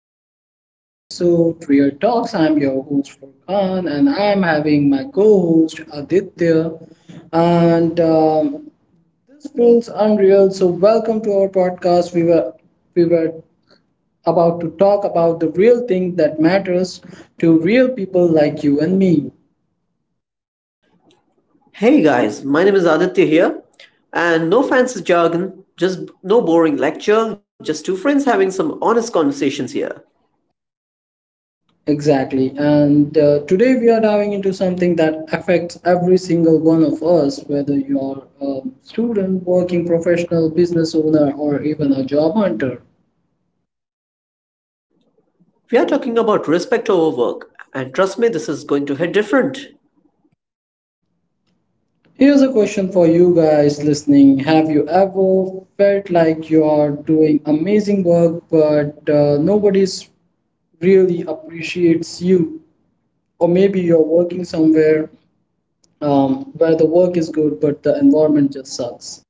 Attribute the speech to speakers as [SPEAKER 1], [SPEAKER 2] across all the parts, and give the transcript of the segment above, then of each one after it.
[SPEAKER 1] welcome to our episode Real Talks. I'm your host Furkan and I'm having my co-host Aditya and this feels unreal. So welcome to our podcast. We were about to talk about the real thing that matters to real people like you and me.
[SPEAKER 2] Hey guys, my name is Aditya here, and no fancy jargon, just no boring lecture, just two friends having some honest conversations here.
[SPEAKER 1] Exactly. And today we are diving into something that affects every single one of us, whether you are a student, working professional, business owner, or even a job hunter.
[SPEAKER 2] We are talking about respect over work, and trust me, this is going to hit different.
[SPEAKER 1] Here's a question for you guys listening. Have you ever felt like you are doing amazing work, but nobody's really appreciates you, or maybe you're working somewhere, where the work is good but the environment just sucks.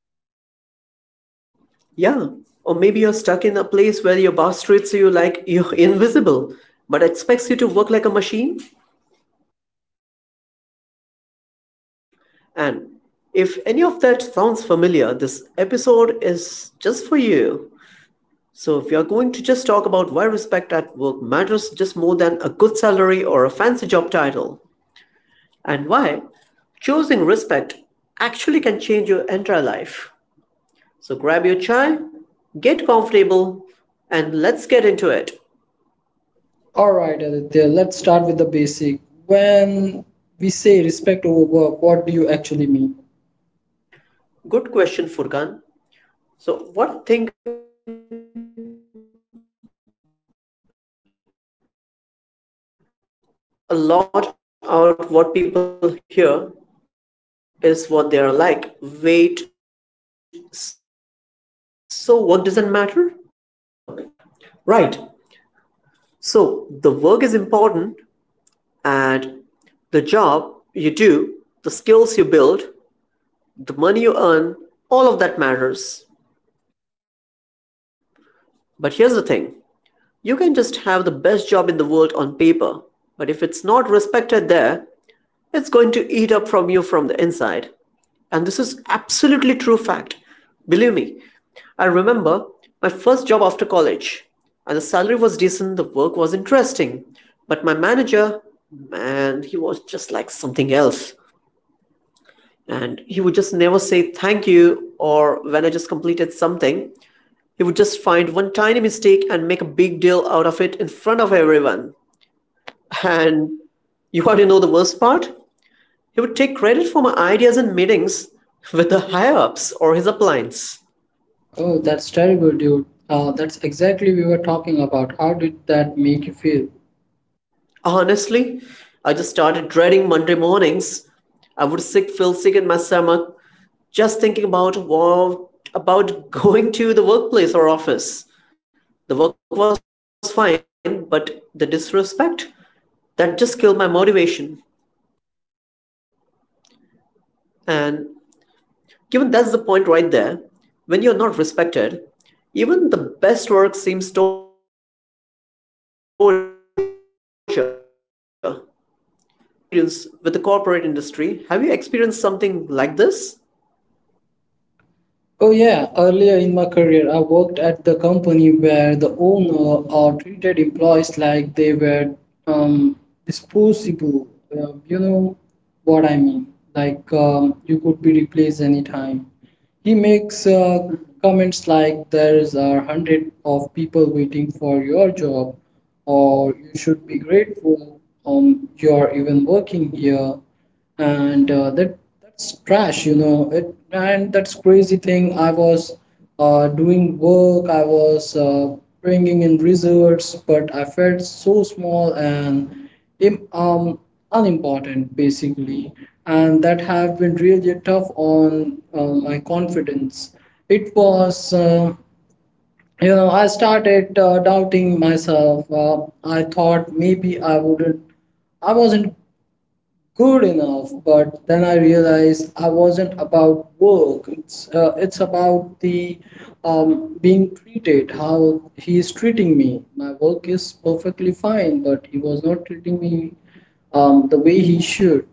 [SPEAKER 2] Yeah, or maybe you're stuck in a place where your boss treats you like you're invisible, but expects you to work like a machine. And if any of that sounds familiar, this episode is just for you. So, if you're going to just talk about why respect at work matters just more than a good salary or a fancy job title, and why choosing respect actually can change your entire life. So, grab your chai, get comfortable, and let's get into it.
[SPEAKER 1] All right, Aditya, let's start with the basic. When we say respect over work, what do you actually mean?
[SPEAKER 2] Good question, Furkan. So, what I think a lot out what people hear is what they are like. Wait, so work doesn't matter? And that's not what we, basically we are saying at all. So, right. So the work is important and the job you do, the skills you build, the money you earn, all of that matters. But here's the thing, you can just have the best job in the world on paper, but if it's not respected there, it's going to eat up from you from the inside. And this is absolutely true fact. Believe me, I remember my first job after college, and the salary was decent, the work was interesting, but my manager, man, he was just like something else. And he would just never say thank you, or when I just completed something, he would just find one tiny mistake and make a big deal out of it in front of everyone. And you already know the worst part? He would take credit for my ideas in meetings with the higher ups or his appliance.
[SPEAKER 1] Oh, that's terrible, dude. That's exactly we were talking about. How did that make you feel?
[SPEAKER 2] Honestly, I just started dreading Monday mornings. I would sick feel sick in my stomach just thinking about what, about going to the workplace or office. The work was fine, but the disrespect that just killed my motivation. And given that's the point right there, when you're not respected, even the best work seems torture. And Furkan, just talking about your personal experience with the corporate industry, have you experienced something like this?
[SPEAKER 1] Oh yeah, earlier in my career, I worked at the company where the owner treated employees like they were, um, disposable. You know what I mean? Like, you could be replaced anytime. He makes comments like there's a hundred of people waiting for your job, or you should be grateful you're even working here. And that's trash, you know it, and that's crazy thing. I was doing work. I was bringing in results, but I felt so small and im- um, unimportant basically, and that have been really tough on my confidence. It was, you know, I started doubting myself. I thought maybe I wasn't good enough, but then I realized I wasn't about work. It's about the, being treated how he is treating me. My work is perfectly fine, but he was not treating me, the way he should.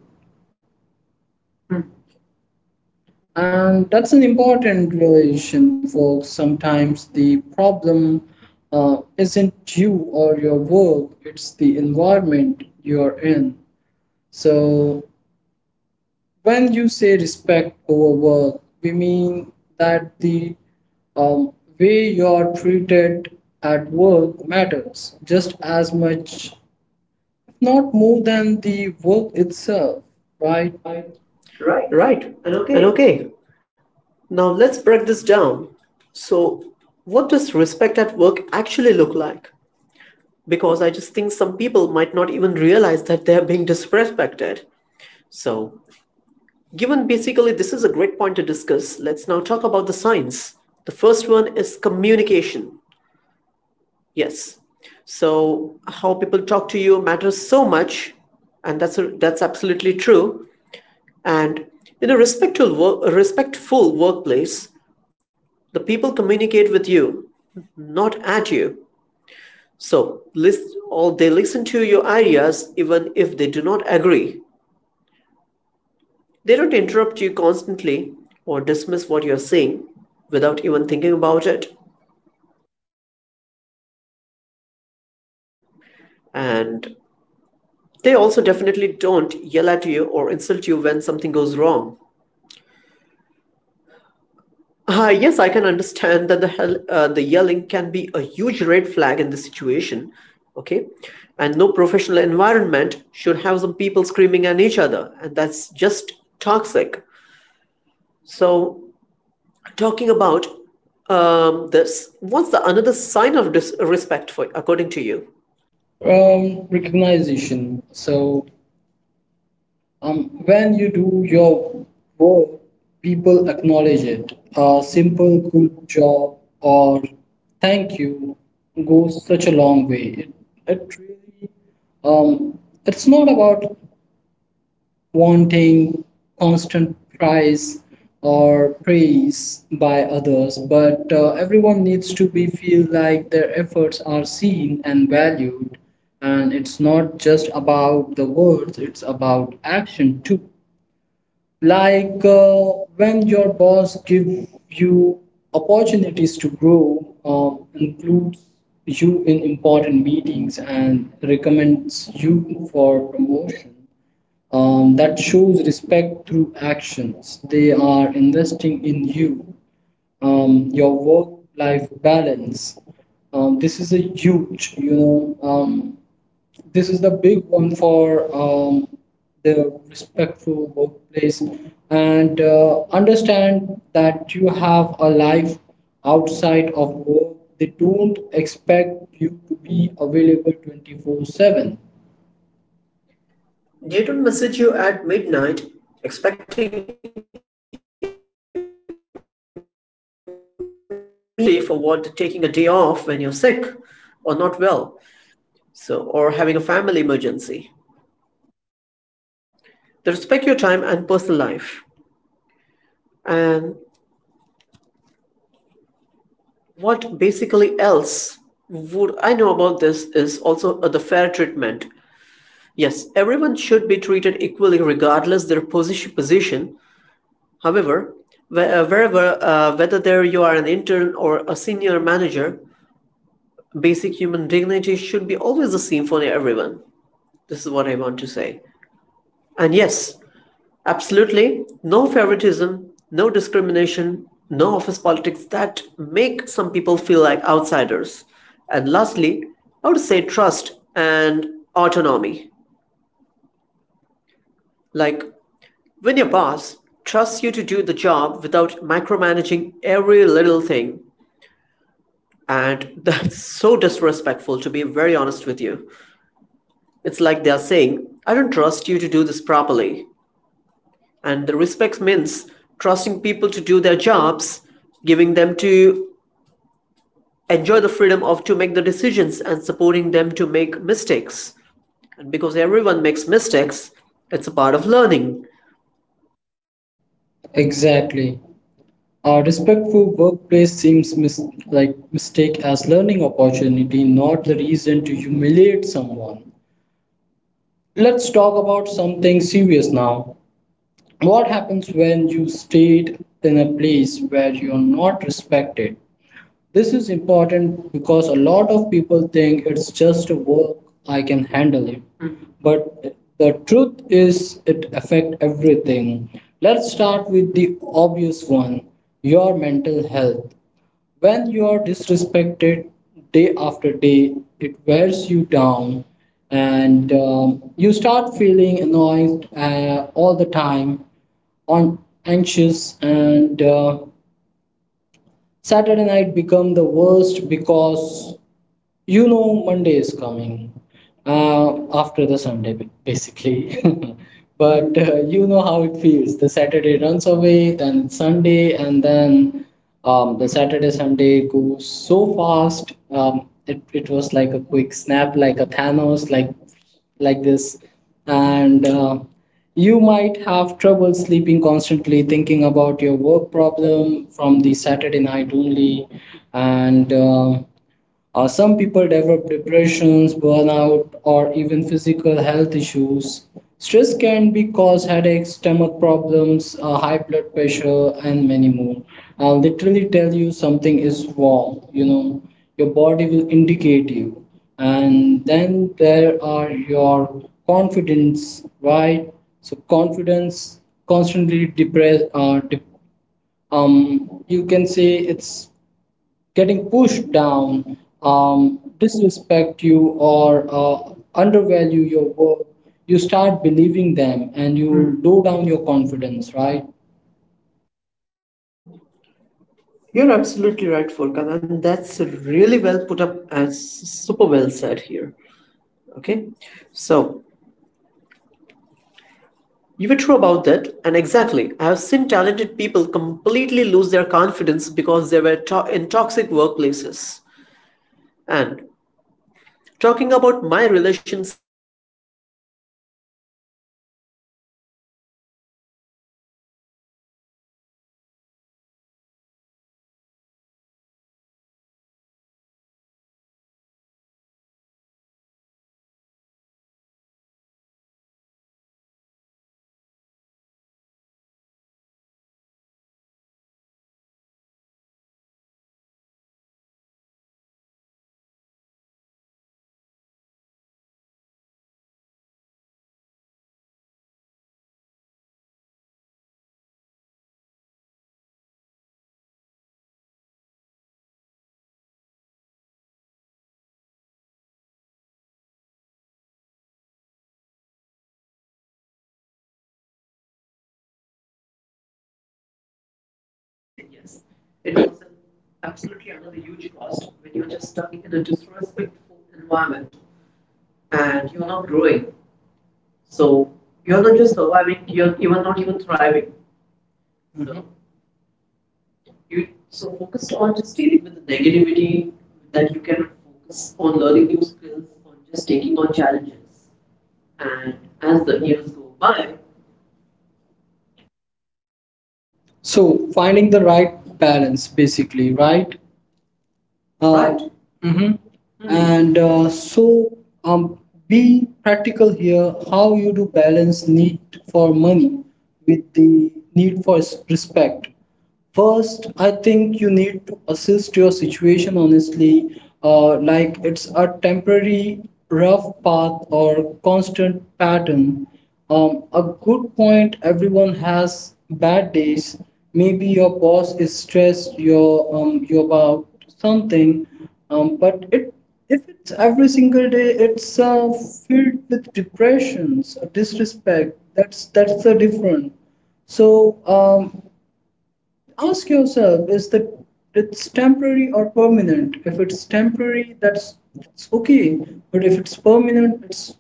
[SPEAKER 1] And that's an important realization, folks. Sometimes the problem isn't you or your work, it's the environment you're in. So when you say respect over work, we mean that the, um, way you're treated at work matters just as much, if not more than the work itself, right? Right.
[SPEAKER 2] Right.
[SPEAKER 1] And okay.
[SPEAKER 2] And okay, now let's break this down. So, what does respect at work actually look like? Because I just think some people might not even realize that they're being disrespected. So, given basically this is a great point to discuss, let's now talk about the signs. The first one is communication. Yes. So, how people talk to you matters so much, and that's absolutely true. And in a respectful a respectful workplace, the people communicate with you, not at you. So, list or they listen to your ideas even if they do not agree. They don't interrupt you constantly or dismiss what you're saying without even thinking about it. And they also definitely don't yell at you or insult you when something goes wrong. Yes, I can understand that the hell, the yelling can be a huge red flag in this situation. Okay, and no professional environment should have some people screaming at each other, and that's just toxic. So, talking about this, what's the another sign of disrespect for according to you?
[SPEAKER 1] Recognition. So, when you do your work, people acknowledge it. A simple good job or thank you goes such a long way. It really, um, it's not about wanting constant prize or praise by others, but everyone needs to be feel like their efforts are seen and valued. And it's not just about the words, it's about action too, like when your boss give you opportunities to grow, includes you in important meetings and recommends you for promotion, that shows respect through actions. They are investing in you. Your work life balance, this is a huge you know this is the big one for, the respectful workplace. And understand that you have a life outside of work. They don't expect you to be available 24/7.
[SPEAKER 2] They don't message you at midnight, expecting immediate responses, or even make you feel guilty for what taking a day off when you're sick or not well, so or having a family emergency. They respect your time and personal life. And what basically else would I know about, this is also the fair treatment. Yes, everyone should be treated equally regardless their position position. However, wherever, whether there you are an intern or a senior manager, basic human dignity should be always the same for everyone. This is what I want to say. And yes. Absolutely. No favoritism, no discrimination, no office politics that make some people feel like outsiders. And lastly, I would say trust and autonomy. Like when your boss trusts you to do the job without micromanaging every little thing. And that's so disrespectful, to be very honest with you. It's like they're saying, I don't trust you to do this properly. And the respect means trusting people to do their jobs, giving them to enjoy the freedom of to make the decisions and supporting them to make mistakes. And because everyone makes mistakes, it's a part of learning.
[SPEAKER 1] Exactly. A respectful workplace seems like mistake as learning opportunity, not the reason to humiliate someone. Let's talk about something serious now. What happens when you stayed in a place where you are not respected? This is important because a lot of people think it's just a work, I can handle it. But the truth is it affects everything. Let's start with the obvious one, your mental health. When you are disrespected day after day, it wears you down, and you start feeling annoyed all the time, on anxious, and Saturday night become the worst because you know Monday is coming after the Sunday, basically. But you know how it feels. The Saturday runs away, then Sunday, and then, the Saturday Sunday goes so fast. It was like a quick snap, like a Thanos, like this. And you might have trouble sleeping, constantly thinking about your work problem from the Saturday night only. And Some people develop depressions, burnout, or even physical health issues. Stress can be cause headaches, stomach problems, high blood pressure, and many more. I'll literally tell you something is wrong, you know. Your body will indicate you. And then there are your confidence, right? So confidence constantly depressed, you can say it's getting pushed down. Disrespect you, or undervalue your work, you start believing them and you, Hmm, low down your confidence, right?
[SPEAKER 2] You're absolutely right, Furkan, and that's really well put up and super well said here. Okay, so you were true about that. And exactly, I have seen talented people completely lose their confidence because they were in toxic workplaces. And talking about my relationships here, this is something people don't even talk about enough. But you're miserable at work, you bring that energy home. You're frustrated, tired, irritable. You just snap at your family or the friends over the small things. And you don't have the energy for the people you love because the work has drained you completely. And that's not fair to them or to you as well. Okay, because we are again the human beings and we value each other's emotions and the feelings for each other. Okay, but what about the career growth now? This looks like a very important part. So, uh,
[SPEAKER 1] Saying yes. It was absolutely another huge cost when you're just stuck in a disrespectful environment, and you're not growing. So you're not just surviving, you're even not even thriving. Mm-hmm. So you so focused on just dealing with the negativity that you cannot focus on learning new skills, on just taking on challenges. And as the years go by, so finding the right balance, basically, right? Right. Mm. and So, um, be practical here. How you do balance need for money with the need for respect? First, I think you need to assist your situation honestly, like it's a temporary rough path or constant pattern. A good point. Everyone has bad days. Maybe your boss is stressed. You're you about something. But it, if it's every single day, it's filled with depressions, disrespect. That's the difference. So, ask yourself, is that it's temporary or permanent? If it's temporary, that's it's okay, but if it's permanent, it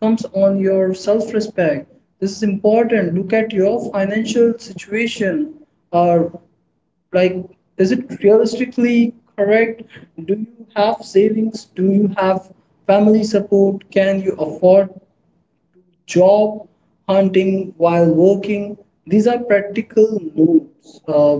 [SPEAKER 1] comes on your self-respect. This is important. Look at your financial situation, or like, is it realistically correct? Do you have savings? Do you have family support? Can you afford job hunting while working? These are practical notes, uh,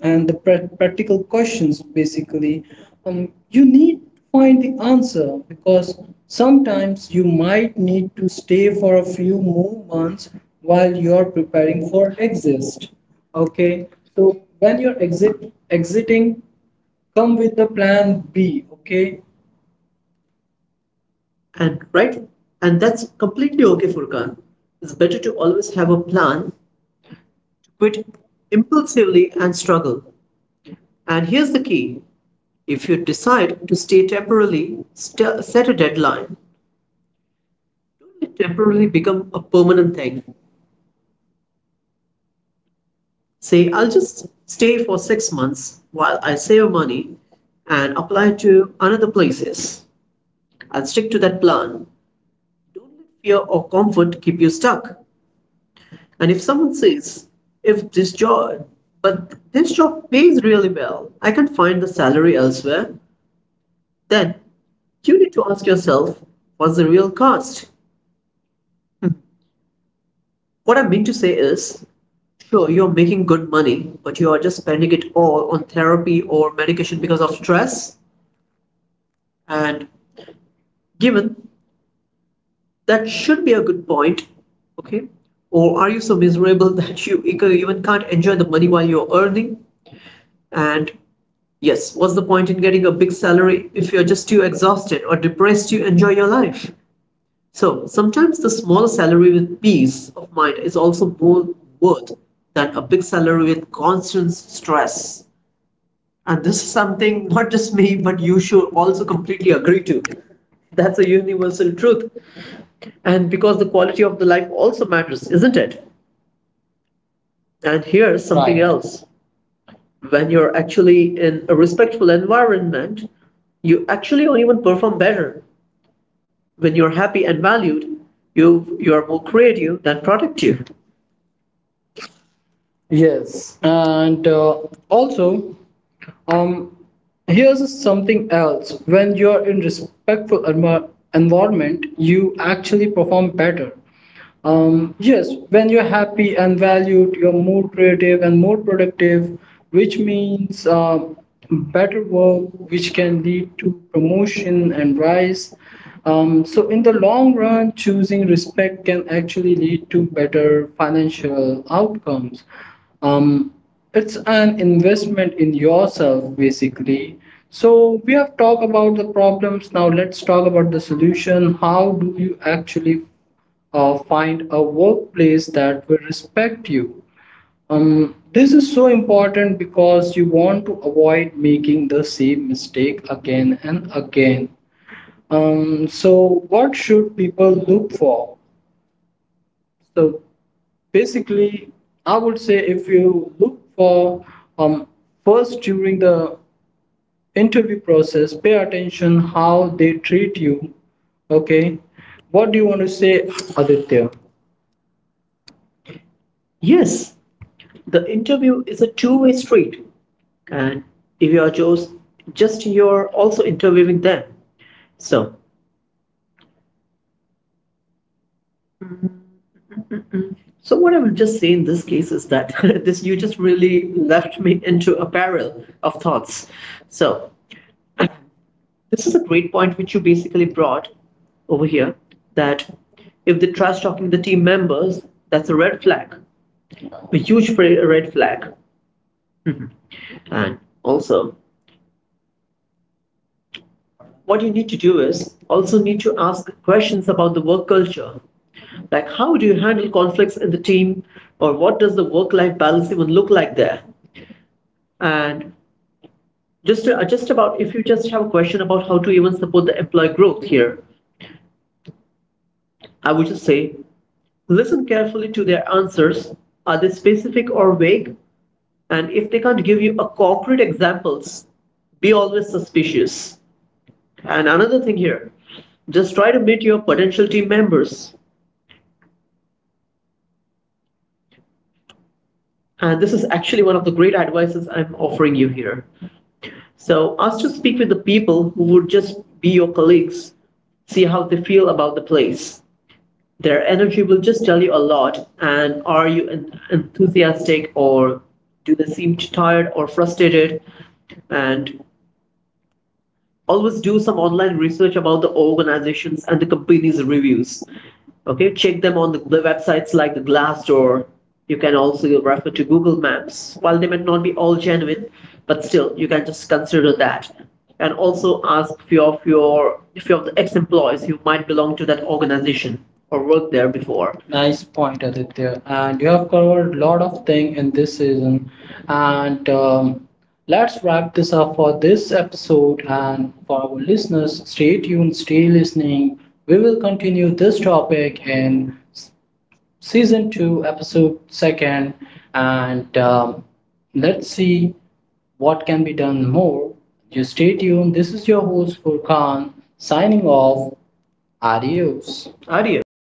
[SPEAKER 1] and the pra- practical questions basically. You need to find the answer, because sometimes you might need to stay for a few more months while you are preparing for exit. Okay, so when you're exiting, come with the plan B, okay? And right, and that's completely okay, Furkan. It's better to always have a plan to quit impulsively and struggle. And here's the key, if you decide to stay temporarily, set a deadline. Don't let temporarily become a permanent thing. Say, I'll just stay for 6 months while I save money and apply to another places. I'll stick to that plan. Don't let fear or comfort keep you stuck. And if someone says, if this job, but this job pays really well, I can find the salary elsewhere, then you need to ask yourself, what's the real cost? What I mean to say is, sure, you're making good money, but you are just spending it all on therapy or medication because of stress. And given that should be a good point, okay? Or are you so miserable that you even can't enjoy the money while you're earning? And yes, what's the point in getting a big salary if you're just too exhausted or depressed to enjoy your life? So sometimes the small salary with peace of mind is also more worth than a big salary with constant stress. And this is something not just me, but you should also completely agree to. That's a universal truth. And because the quality of the life also matters, isn't it? And here's something, right, else. When you're actually in a respectful environment, you actually even perform better. When you're happy and valued, you are more creative than productive. Yes, and also Um, Here's something else, when you're in respectful environment, you actually perform better. Yes, when you're happy and valued, you're more creative and more productive, which means better work, which can lead to promotion and rise. So in the long run, choosing respect can actually lead to better financial outcomes. Um, it's an investment in yourself, basically. So we have talked about the problems. Now let's talk about the solution. How do you actually find a workplace that will respect you? This is so important because you want to avoid making the same mistake again and again. So what should people look for? So basically, I would say if you look for, um, first during the interview process, pay attention how they treat you. Okay, what do you want to say, Aditya? Yes, the interview is a two-way street, and if you are just you're also interviewing them. So, so what I would just say in this case is that this you just really left me into a barrel of thoughts. So this is a great point which you basically brought over here, that if they trash talking the team members, that's a red flag, a huge red flag. And also, what you need to do is also need to ask questions about the work culture. Like how do you handle conflicts in the team, or what does the work-life balance even look like there? And just, just about, if you just have a question about how to even support the employee growth here, I would just say, listen carefully to their answers. Are they specific or vague? And if they can't give you a concrete examples, be always suspicious. And another thing here, just try to meet your potential team members. And this is actually one of the great advices I'm offering you here. So ask to speak with the people who would just be your colleagues, see how they feel about the place. Their energy will just tell you a lot. And are you enthusiastic, or do they seem tired or frustrated? And always do some online research about the organizations and the companies' reviews. Okay, check them on the websites like the Glassdoor. You can also refer to Google Maps. While they might not be all genuine, but still you can just consider that. And also ask few of the ex-employees who might belong to that organization or worked there before. Nice point, Aditya. And you have covered a lot of thing in this season. And, let's wrap this up for this episode and for our listeners, stay tuned, stay listening. We will continue this topic in season 2, episode 2nd, and, let's see what can be done more. Just stay tuned. This is your host Furkan signing off. Adios. Adios.